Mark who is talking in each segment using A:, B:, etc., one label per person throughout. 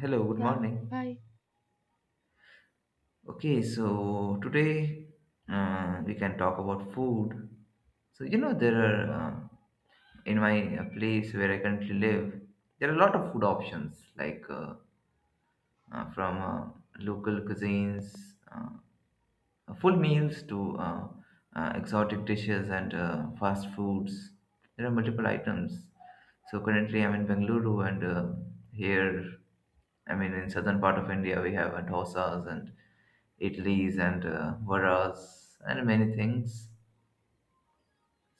A: Hello, good
B: Yeah,
A: morning.
B: hi.
A: Okay, so today we can talk about food. So, there are in my place where I currently live, there are a lot of food options like from local cuisines. Uh, full meals to exotic dishes and fast foods. There are multiple items. So currently, I'm in Bengaluru, and here, I mean, in southern part of India, we have dosas and idlis and varas and many things.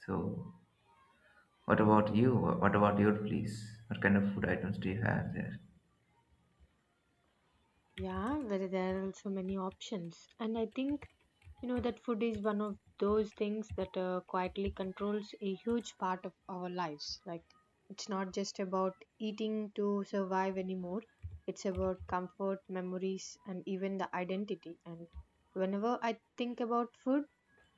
A: So, what about you? What about your place? What kind of food items do you have there?
B: Yeah, where there are also many options. And I think you know that food is one of those things that quietly controls a huge part of our lives. Like it's not just about eating to survive anymore. It's about comfort, memories, and even the identity. And whenever I think about food,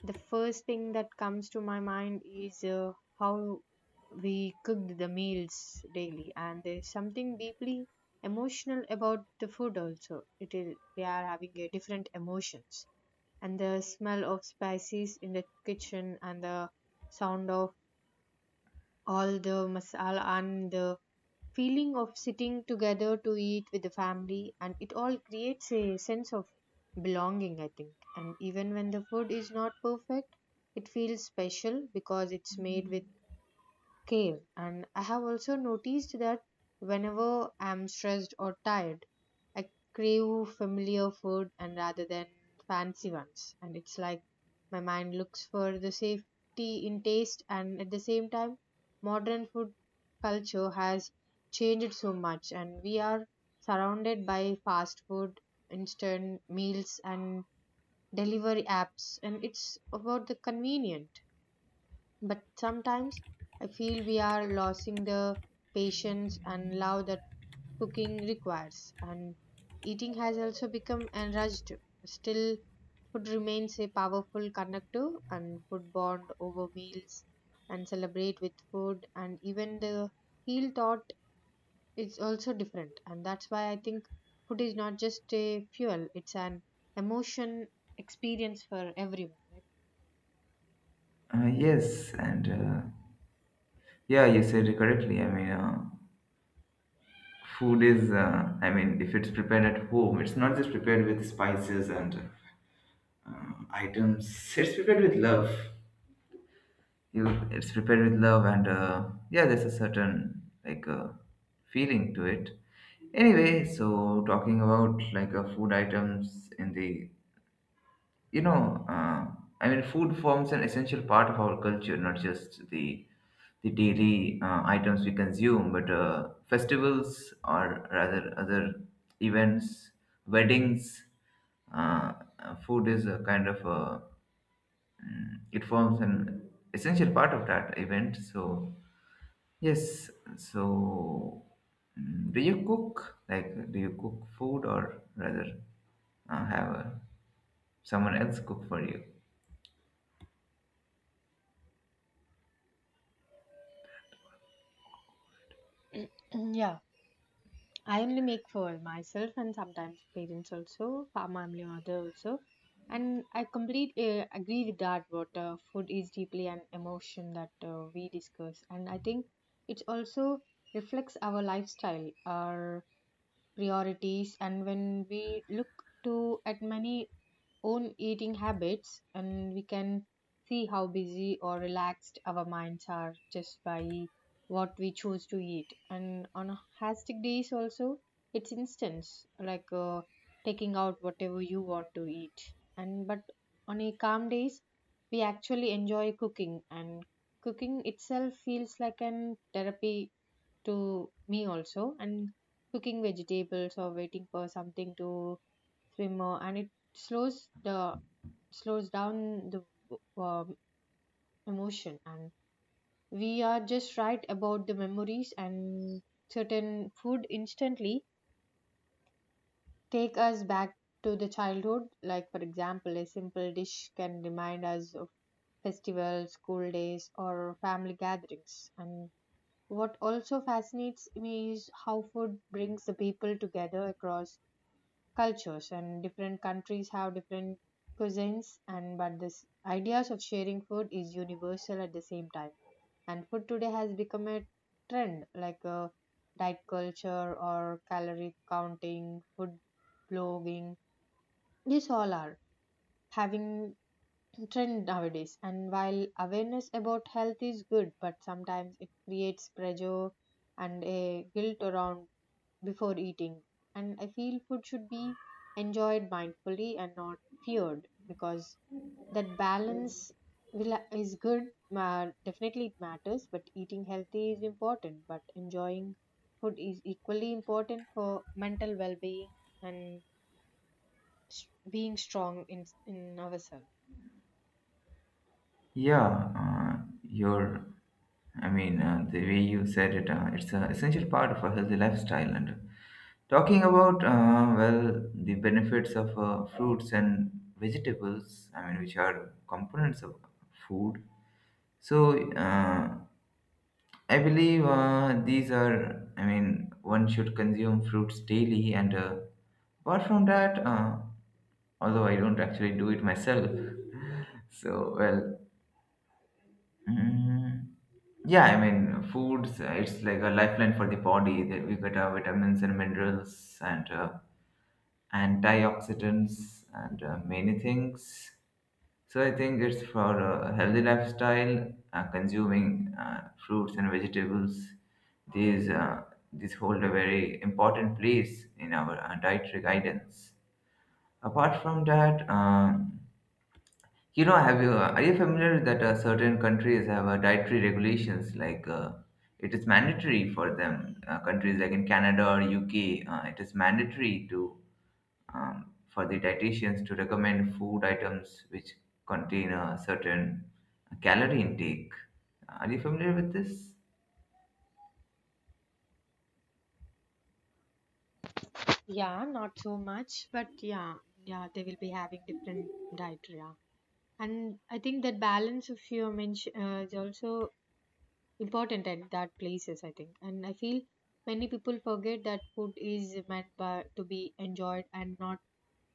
B: the first thing that comes to my mind is how we cooked the meals daily, and there's something deeply emotional about the food. Also it is we are having a different emotions, and the smell of spices in the kitchen and the sound of all the masala and the feeling of sitting together to eat with the family, and it all creates a sense of belonging, I think. And even when the food is not perfect, it feels special because it's made with care. And I have also noticed that whenever I'm stressed or tired, I crave familiar food and rather than fancy ones. And it's like my mind looks for the safety in taste, and at the same time, modern food culture has changed so much, and we are surrounded by fast food, instant meals, and delivery apps, and it's about the convenient, but sometimes I feel we are losing the patience and love that cooking requires, and eating has also become enraged. Still, food remains a powerful connector, and food bond over meals and celebrate with food, and even the heal thought is also different, and that's why I think food is not just a fuel; it's an emotion experience for everyone.
A: Yes, and yeah, you said it correctly. I mean, food is, I mean, if it's prepared at home, it's not just prepared with spices and uh, items. It's prepared with love. You, it's prepared with love, and yeah, there's a certain like feeling to it. Anyway, so talking about like food items in the you know, I mean, food forms an essential part of our culture, not just the daily items we consume, but festivals or rather other events, weddings. Uh, food is a kind of a, it forms an essential part of that event. So yes, so do you cook? Like, do you cook food or rather have a, someone else cook for you?
B: Right? Yeah, I only make for myself and sometimes parents also, for my family mother also. And I complete agree with that. What food is deeply an emotion that we discuss, and I think it also reflects our lifestyle, our priorities, and when we look to at many own eating habits, and we can see how busy or relaxed our minds are just by what we choose to eat. And on hastic days also, it's instance like taking out whatever you want to eat. And but on a calm days, we actually enjoy cooking, and cooking itself feels like an therapy to me also. And cooking vegetables or waiting for something to simmer, and it slows down the um, emotion, and we are just right about the memories, and certain food instantly take us back to the childhood. Like for example, a simple dish can remind us of festivals, school days, or family gatherings. And what also fascinates me is how food brings the people together across cultures, and different countries have different cuisines, and but this ideas of sharing food is universal at the same time. And food today has become a trend like a diet culture or calorie counting, food blogging. These all are having trend nowadays, and while awareness about health is good, but sometimes it creates pressure and a guilt around before eating. And I feel food should be enjoyed mindfully and not feared, because that balance will is good. Definitely it matters, but eating healthy is important, but enjoying food is equally important for mental well-being and being strong in ourselves.
A: Yeah, you I mean, the way you said it, it's an essential part of a healthy lifestyle. And talking about, well, the benefits of fruits and vegetables, I mean, which are components of food. So, I believe these are, I mean, one should consume fruits daily. And apart from that, although I don't actually do it myself. So, well, Mm, yeah, I mean, foods, it's like a lifeline for the body that we get our vitamins and minerals and antioxidants and many things. So I think it's for a healthy lifestyle, consuming fruits and vegetables. These, uh, these hold a very important place in our dietary guidance. Apart from that, have you are you familiar that certain countries have dietary regulations? Like it is mandatory for them. Countries like in Canada or UK, it is mandatory to for the dietitians to recommend food items which contain a certain calorie intake. Are you familiar with this?
B: Yeah, not so much, but yeah, yeah, they will be having different diet, yeah. And I think that balance of your mention is also important at that places, I think. And I feel many people forget that food is meant by, to be enjoyed and not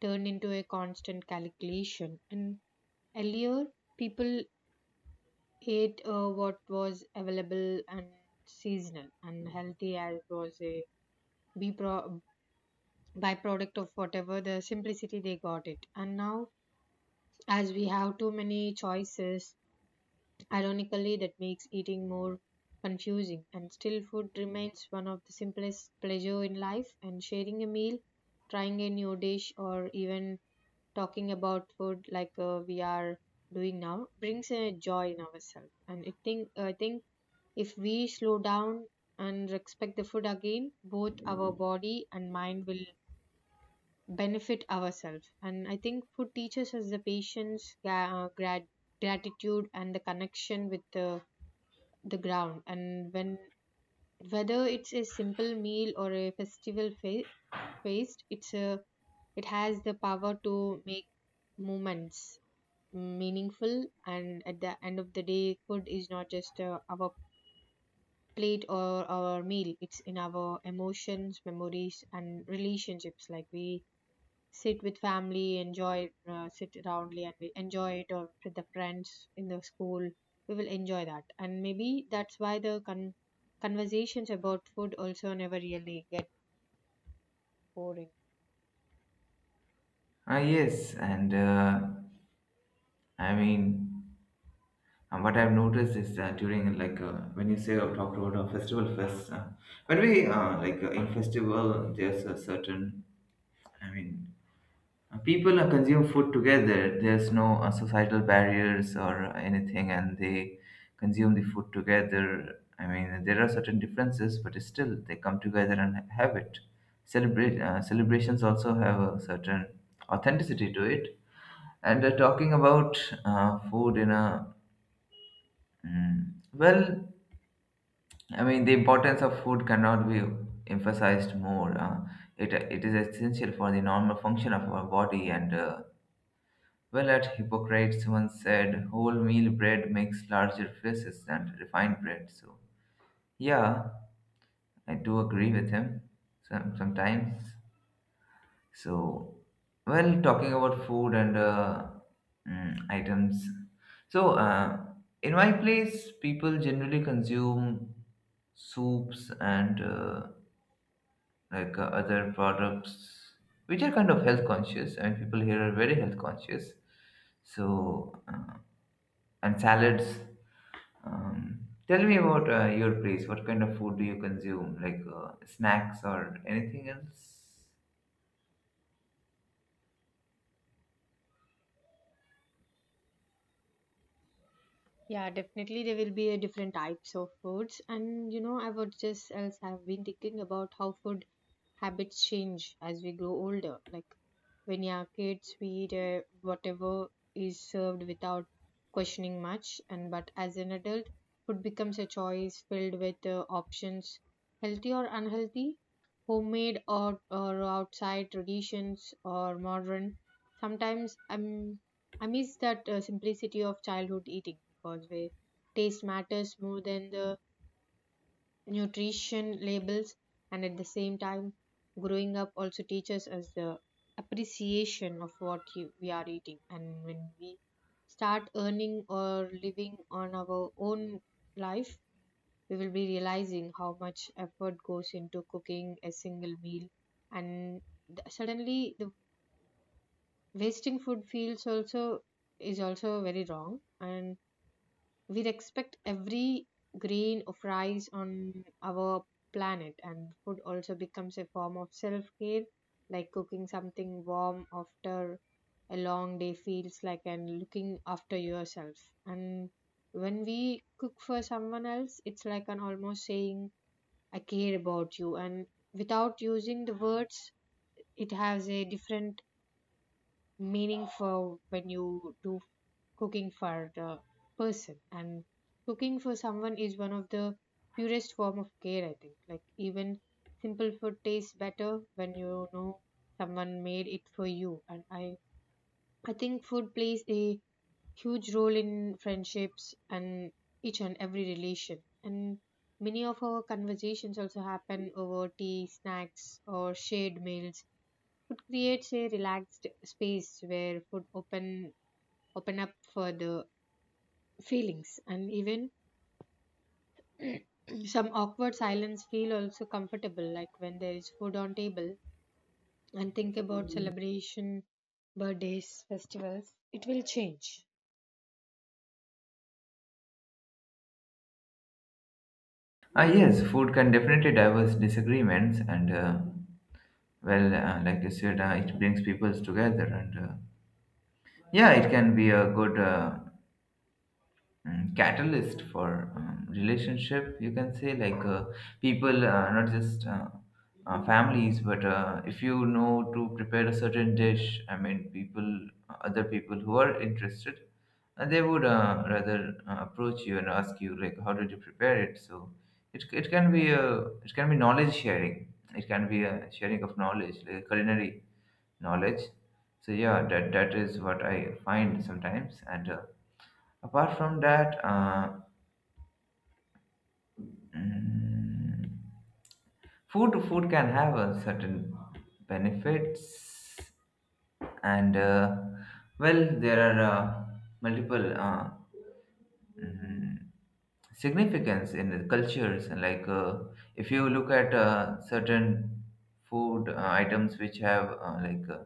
B: turned into a constant calculation. And earlier, people ate what was available and seasonal and healthy as was a be pro- byproduct of whatever the simplicity they got it. And now, as we have too many choices, ironically, that makes eating more confusing, and still food remains one of the simplest pleasure in life, and sharing a meal, trying a new dish, or even talking about food like we are doing now brings a joy in ourselves. And I think if we slow down and respect the food again, both our body and mind will benefit ourselves. And I think food teaches us the patience, gratitude, and the connection with the ground. And when whether it's a simple meal or a festival feast, it's a, it has the power to make moments meaningful. And at the end of the day, food is not just our plate or our meal, it's in our emotions, memories, and relationships. Like we sit with family, enjoy, sit roundly and we enjoy it, or with the friends in the school. We will enjoy that. And maybe that's why the conversations about food also never really get boring.
A: Ah, yes, and I mean. And what I've noticed is during like when you say talk about a festival fest, when we like in festival, there's a certain, I mean, people consume food together. There's no societal barriers or anything, and they consume the food together. I mean there are certain differences, but still they come together and have it. Celebrate celebrations also have a certain authenticity to it. And talking about food in a mm, well, I mean, the importance of food cannot be emphasized more. It is essential for the normal function of our body. And well, at Hippocrates once said, whole meal bread makes larger faces than refined bread. So, yeah, I do agree with him sometimes. So, well, talking about food and items. So, in my place, people generally consume soups and like other products which are kind of health conscious and people here are very health conscious, so and salads, um, tell me about your place. What kind of food do you consume, like snacks or anything else?
B: Yeah, definitely there will be a different types of foods. And you know, I would just else have been thinking about how food habits change as we grow older. Like when you are kids, we eat whatever is served without questioning much. And but as an adult, food becomes a choice filled with options, healthy or unhealthy, homemade or outside, traditions or modern. Sometimes I miss that simplicity of childhood eating, because where taste matters more than the nutrition labels. And at the same time, growing up also teaches us the appreciation of what you, we are eating. And when we start earning or living on our own life, we will be realizing how much effort goes into cooking a single meal, and suddenly the wasting food feels also is also very wrong. And we respect every grain of rice on our planet, and food also becomes a form of self care, like cooking something warm after a long day feels like and looking after yourself. And when we cook for someone else, it's like an almost saying, I care about you. And without using the words, it has a different meaning for when you do cooking for the person. And cooking for someone is one of the purest form of care, I think. Like even simple food tastes better when you know someone made it for you. And I think food plays a huge role in friendships and each and every relation. And many of our conversations also happen over tea, snacks, or shared meals. It creates a relaxed space where food open up for the feelings. And even some awkward silence feel also comfortable, like when there is food on table. And think about celebration, birthdays, festivals, it will change.
A: Ah, yes, food can definitely diverse disagreements, and well, like you said, it brings peoples together, and yeah, it can be a good catalyst for relationship, you can say. Like people, not just families, but if you know to prepare a certain dish, I mean people, other people who are interested, they would rather approach you and ask you like how did you prepare it. So it can be a, it can be knowledge sharing. It can be a sharing of knowledge, like culinary knowledge. So yeah, that is what I find sometimes. And apart from that, mm, food can have a certain benefits, and well, there are multiple mm, significance in the cultures. And like if you look at certain food items which have like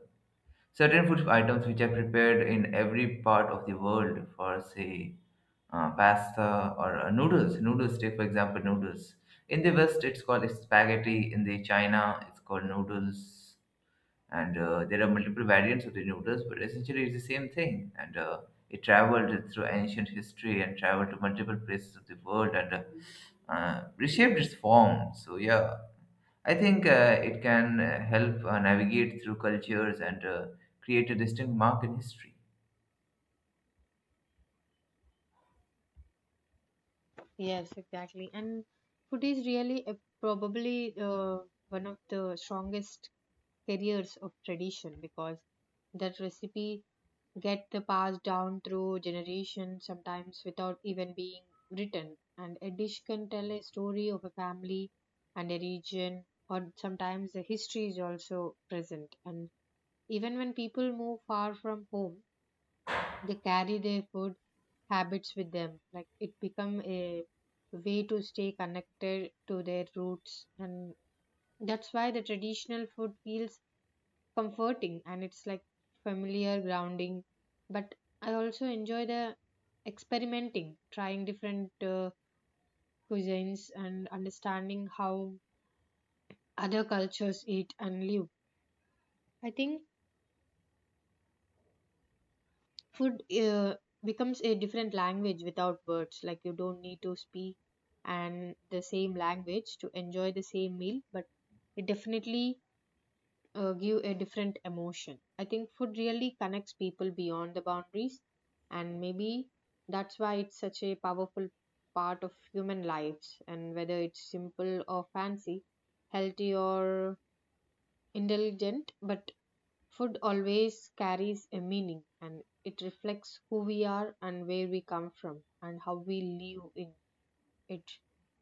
A: certain food items which are prepared in every part of the world, for say, pasta or noodles. Noodles, take for example, noodles. In the West, it's called spaghetti. In the China, it's called noodles. And there are multiple variants of the noodles, but essentially it's the same thing. And it traveled through ancient history and traveled to multiple places of the world and reshaped its form. So yeah, I think it can help navigate through cultures and create a distinct mark in history.
B: Yes, exactly. And food is really a, probably one of the strongest carriers of tradition, because that recipe get passed down through generations, sometimes without even being written. And a dish can tell a story of a family and a region, or sometimes the history is also present. And even when people move far from home, they carry their food habits with them. Like it become a way to stay connected to their roots, and that's why the traditional food feels comforting, and it's like familiar grounding. But I also enjoy the experimenting, trying different cuisines and understanding how other cultures eat and live. I think food becomes a different language without words. Like you don't need to speak and the same language to enjoy the same meal, but it definitely give a different emotion. I think food really connects people beyond the boundaries, and maybe that's why it's such a powerful part of human lives. And whether it's simple or fancy, healthy or indulgent, but food always carries a meaning, and it reflects who we are and where we come from and how we live in it.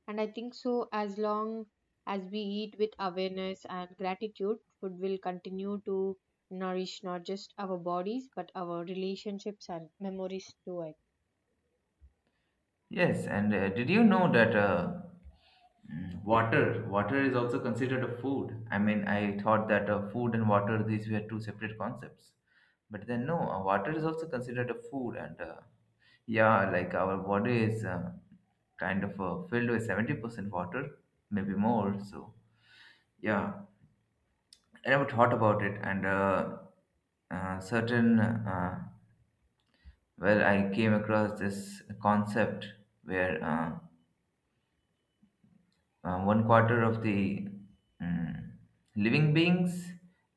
B: And I think so, as long as we eat with awareness and gratitude, food will continue to nourish not just our bodies but our relationships and memories too. I
A: Yes, and did you know that water is also considered a food? I mean, I thought that food and water these were two separate concepts, but then no, water is also considered a food, and yeah, like our body is kind of filled with 70% water, maybe more. So yeah, I never thought about it, and certain, well, I came across this concept where one quarter of the um, living beings,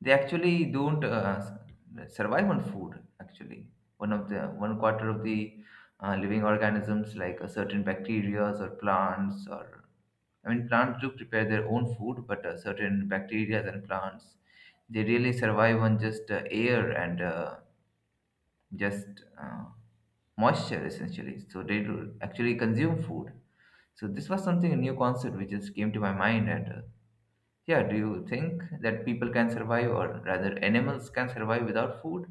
A: they actually don't survive on food. Actually, one of the one quarter of the living organisms, like a certain bacteria or plants, or I mean plants do prepare their own food, but certain bacteria and plants, they really survive on just air and just moisture essentially. So they do actually consume food. So this was something a new concept which just came to my mind. And yeah, do you think that people can survive, or rather, animals can survive without food?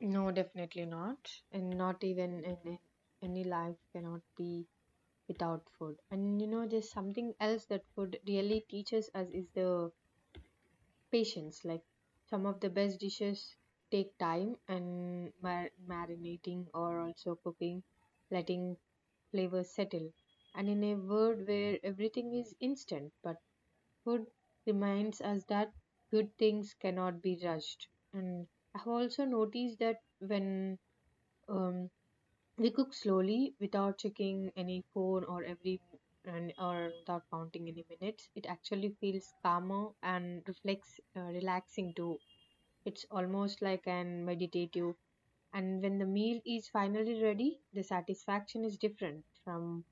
B: no, definitely not. And not even in any life cannot be without food. And you know, there's something else that food really teaches us is the patience. Like some of the best dishes take time and marinating, or also cooking, letting flavors settle. And in a world where everything is instant, but food reminds us that good things cannot be rushed. And I have also noticed that when um, we cook slowly without checking any phone or every and or without counting any minutes, it actually feels calmer and reflects relaxing too. It's almost like an meditative. And when the meal is finally ready, the satisfaction is different from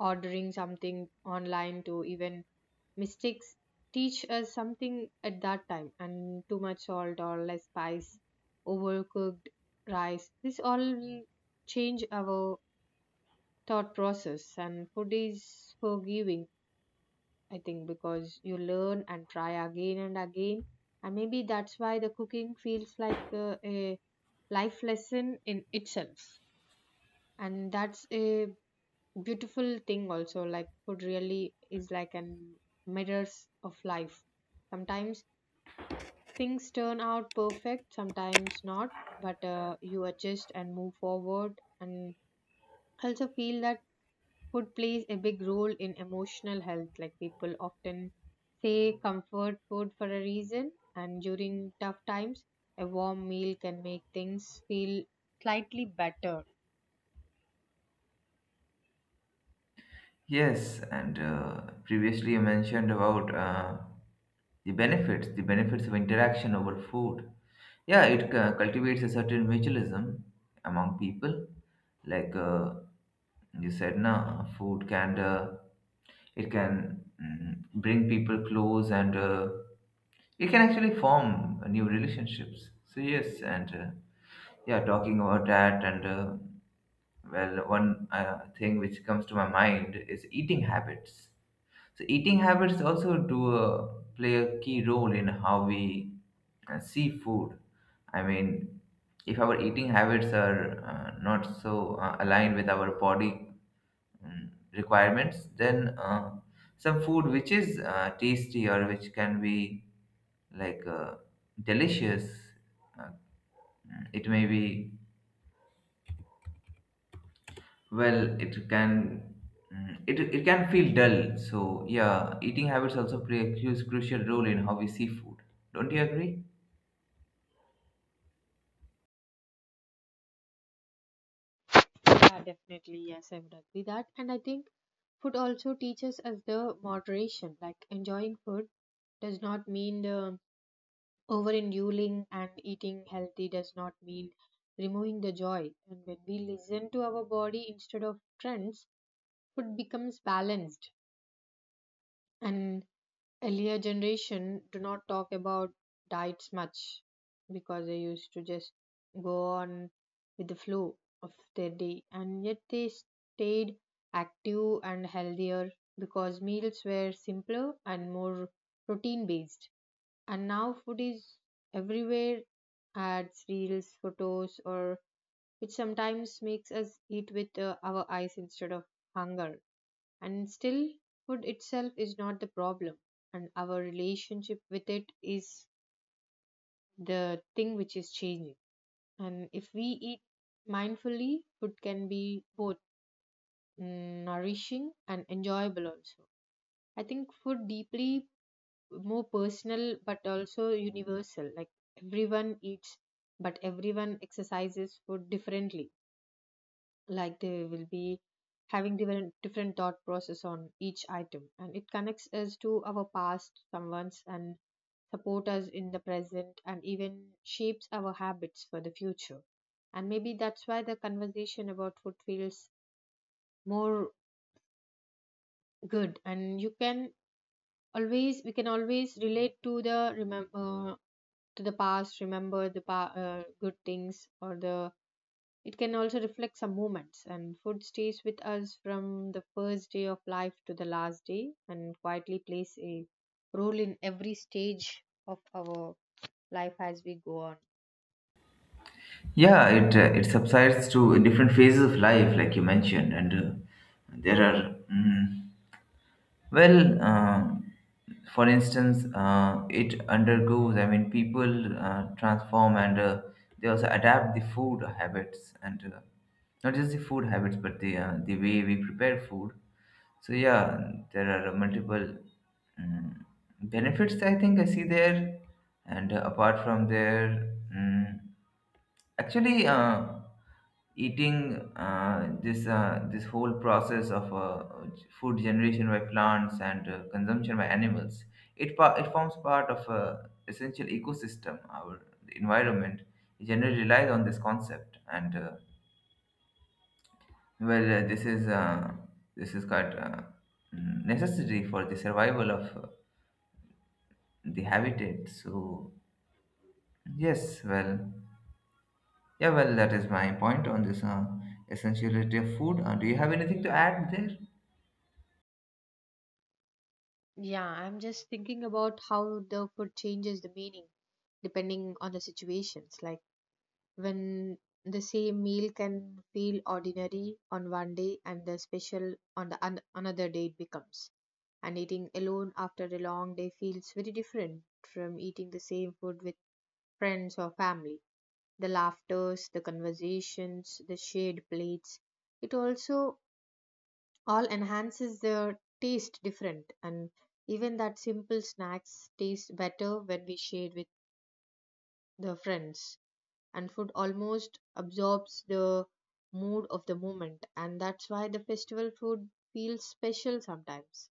B: ordering something online. To even mistakes teach us something at that time, and too much salt or less spice, overcooked rice, this all will change our thought process. And food is forgiving, I think, because you learn and try again and again. And maybe that's why the cooking feels like a life lesson in itself. And that's a beautiful thing also. Like, food really is like an mirrors of life. Sometimes things turn out perfect, sometimes not, but you adjust and move forward. And I also feel that food plays a big role in emotional health. Like, people often say comfort food for a reason, and during tough times a warm meal can make things feel slightly better.
A: Yes, and previously you mentioned about the benefits of interaction over food. Yeah, it cultivates a certain mutualism among people. Like you said, now food can it can bring people close and it can actually form new relationships. So, yes, and yeah, talking about that, and well, one thing which comes to my mind is eating habits. So, eating habits also do play a key role in how we see food. I mean, if our eating habits are not so aligned with our body requirements, then some food which is tasty or which can be like delicious, uh, it may be, well, it can, it can feel dull. So yeah, eating habits also play a crucial role in how we see food. Don't you agree?
B: Yeah, definitely. Yes, I would agree that. And I think food also teaches us the moderation. Like, enjoying food does not mean the overindulging, and eating healthy does not mean removing the joy. And when we listen to our body instead of trends, food becomes balanced. And earlier generation do not talk about diets much, because they used to just go on with the flow of their day, and yet they stayed active and healthier because meals were simpler and more protein based. And now food is everywhere, ads, reels, photos, or which sometimes makes us eat with our eyes instead of hunger. And still, food itself is not the problem, and our relationship with it is the thing which is changing. And if we eat mindfully, food can be both nourishing and enjoyable also. I think food deeply more personal but also universal. Like, everyone eats, but everyone exercises food differently. Like, they will be having different thought process on each item, and it connects us to our past someone's, and support us in the present, and even shapes our habits for the future. And maybe that's why the conversation about food feels more good. And you can always, we can always relate to the remember, to the past, remember the good things or the. It can also reflect some moments. And food stays with us from the first day of life to the last day, and quietly plays a role in every stage of our life as we go on.
A: Yeah, it it subsides to different phases of life like you mentioned and there are well, for instance, it undergoes, I mean, people transform and they also adapt the food habits and not just the food habits, but the way we prepare food. So, yeah, there are multiple um, benefits I think I see there. And apart from there, actually, eating, this whole process of food generation by plants and consumption by animals, it forms part of a essential ecosystem. Our the environment generally relies on this concept, and well, this is quite necessary for the survival of the habitat. So yes, well. Yeah, well, that is my point on this essentiality of food. Do you have anything to add there?
B: Yeah, I'm just thinking about how the food changes the meaning depending on the situations. Like, when the same meal can feel ordinary on one day, and the special on the another day it becomes. And eating alone after a long day feels very different from eating the same food with friends or family. The laughters, the conversations, the shared plates, it also all enhances the taste different. And even that simple snacks taste better when we share with the friends. And food almost absorbs the mood of the moment, and that's why the festival food feels special sometimes,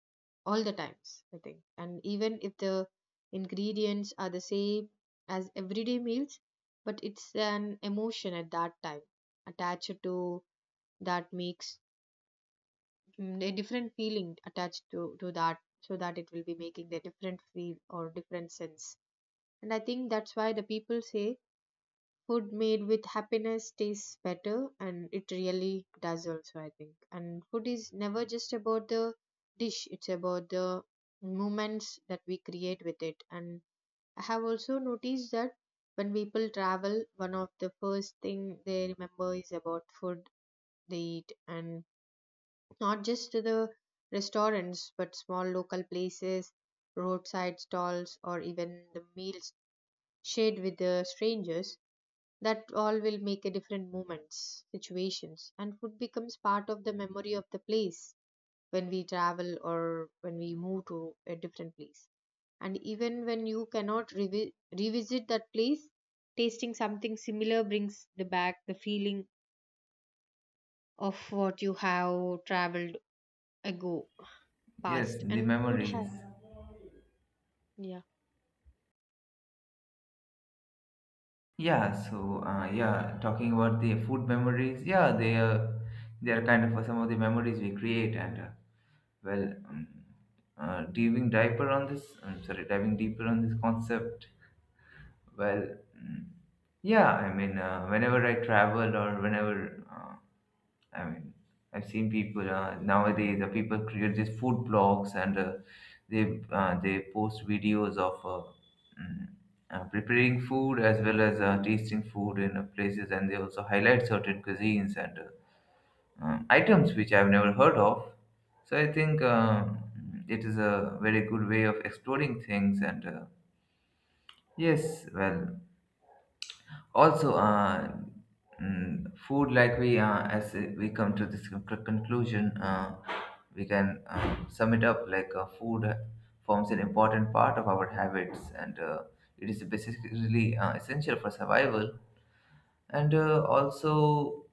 B: all the times, I think. And even if the ingredients are the same as everyday meals, but it's an emotion at that time attached to, that makes a different feeling attached to that, so that it will be making the different feel or different sense. And I think that's why the people say food made with happiness tastes better, and it really does also, I think. And food is never just about the dish, it's about the moments that we create with it. And I have also noticed that when people travel, one of the first thing they remember is about food they eat. And not just to the restaurants, but small local places, roadside stalls, or even the meals shared with the strangers, that all will make a different moments situations. And food becomes part of the memory of the place when we travel or when we move to a different place. And even when you cannot revisit that place, tasting something similar brings the back the feeling of what you have traveled ago,
A: Yes,
B: past.
A: the
B: And food
A: memories.
B: has, yeah.
A: Yeah, so yeah, talking about the food memories. Yeah, they are kind of some of the memories we create, and well, diving deeper on this. I'm sorry, diving deeper on this concept. Well, mm, yeah, I mean, whenever I travel or whenever. I mean, I've seen people nowadays. People create these food blogs and they post videos of mm, preparing food as well as tasting food in places, and they also highlight certain cuisines and items which I've never heard of. So I think it is a very good way of exploring things. And yes, well, also food, like we, as we come to this conclusion, we can sum it up like food forms an important part of our habits and it is basically essential for survival, and also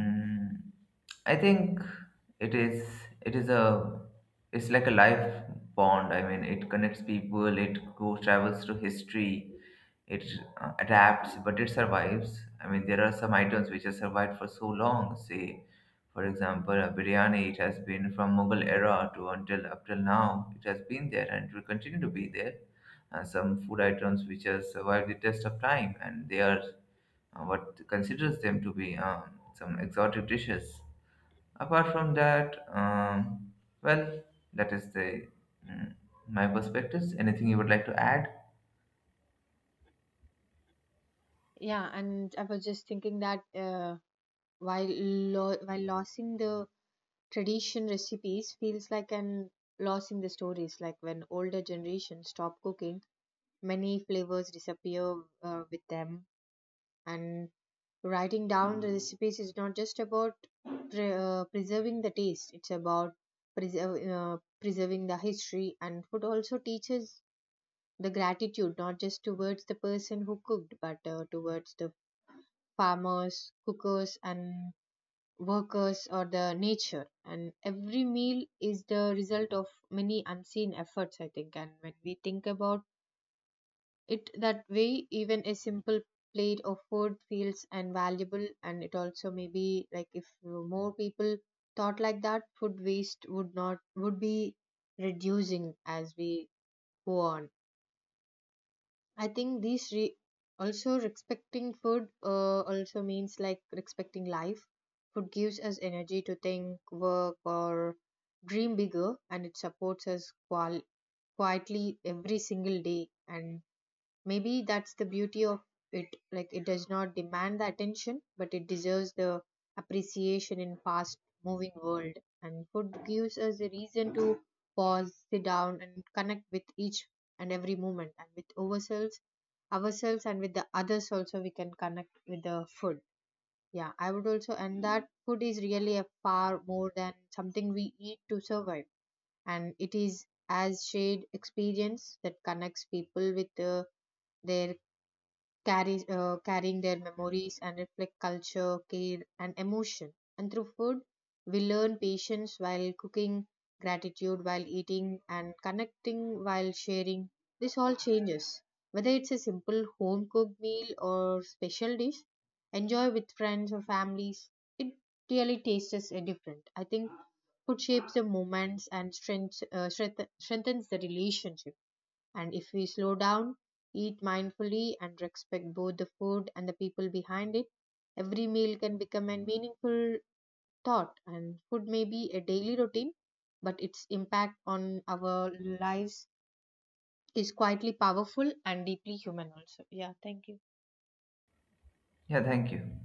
A: mm, I think it is it is a, it's like a life bond. I mean, it connects people, it goes travels through history, it adapts but it survives. I mean, there are some items which have survived for so long. Say for example a biryani. It has been from Mughal era to, until up till now, it has been there and it will continue to be there. And some food items which have survived the test of time, and they are what considers them to be, some exotic dishes. Apart from that, well, that is the, mm, my perspectives. Anything you would like to add?
B: Yeah, and I was just thinking that while while losing the tradition recipes feels like an loss in the stories. Like, when older generations stop cooking, many flavors disappear with them. And writing down the recipes is not just about preserving the taste, it's about preserving the history. And food also teaches the gratitude, not just towards the person who cooked, but towards the farmers, cookers, and workers, or the nature. And every meal is the result of many unseen efforts, I think. And when we think about it that way, even a simple plate of food feels invaluable. And it also maybe like, if more people thought like that, food waste would not, would be reducing as we go on. I think these re-, also respecting food also means like respecting life. Food gives us energy to think, work, or dream bigger, and it supports us quietly every single day. And maybe that's the beauty of it. Like, it does not demand the attention, but it deserves the appreciation in fast moving world. And food gives us a reason to pause, sit down, and connect with each and every moment, and with ourselves, ourselves, and with the others also. We can connect with the food. Yeah, I would also, and that food is really a far more than something we eat to survive, and it is as shared experience that connects people with their carry, carrying their memories and reflect culture, care, and emotion. And through food, we learn patience while cooking, gratitude while eating, and connecting while sharing. This all changes. Whether it's a simple home cooked meal or special dish, enjoy with friends or families, it really tastes different. I think food shapes the moments and strength, strengthens the relationship. And if we slow down, eat mindfully, and respect both the food and the people behind it, every meal can become a meaningful thought. And food may be a daily routine, but its impact on our lives is quietly powerful and deeply human, also. Yeah, thank you.
A: Yeah, thank you.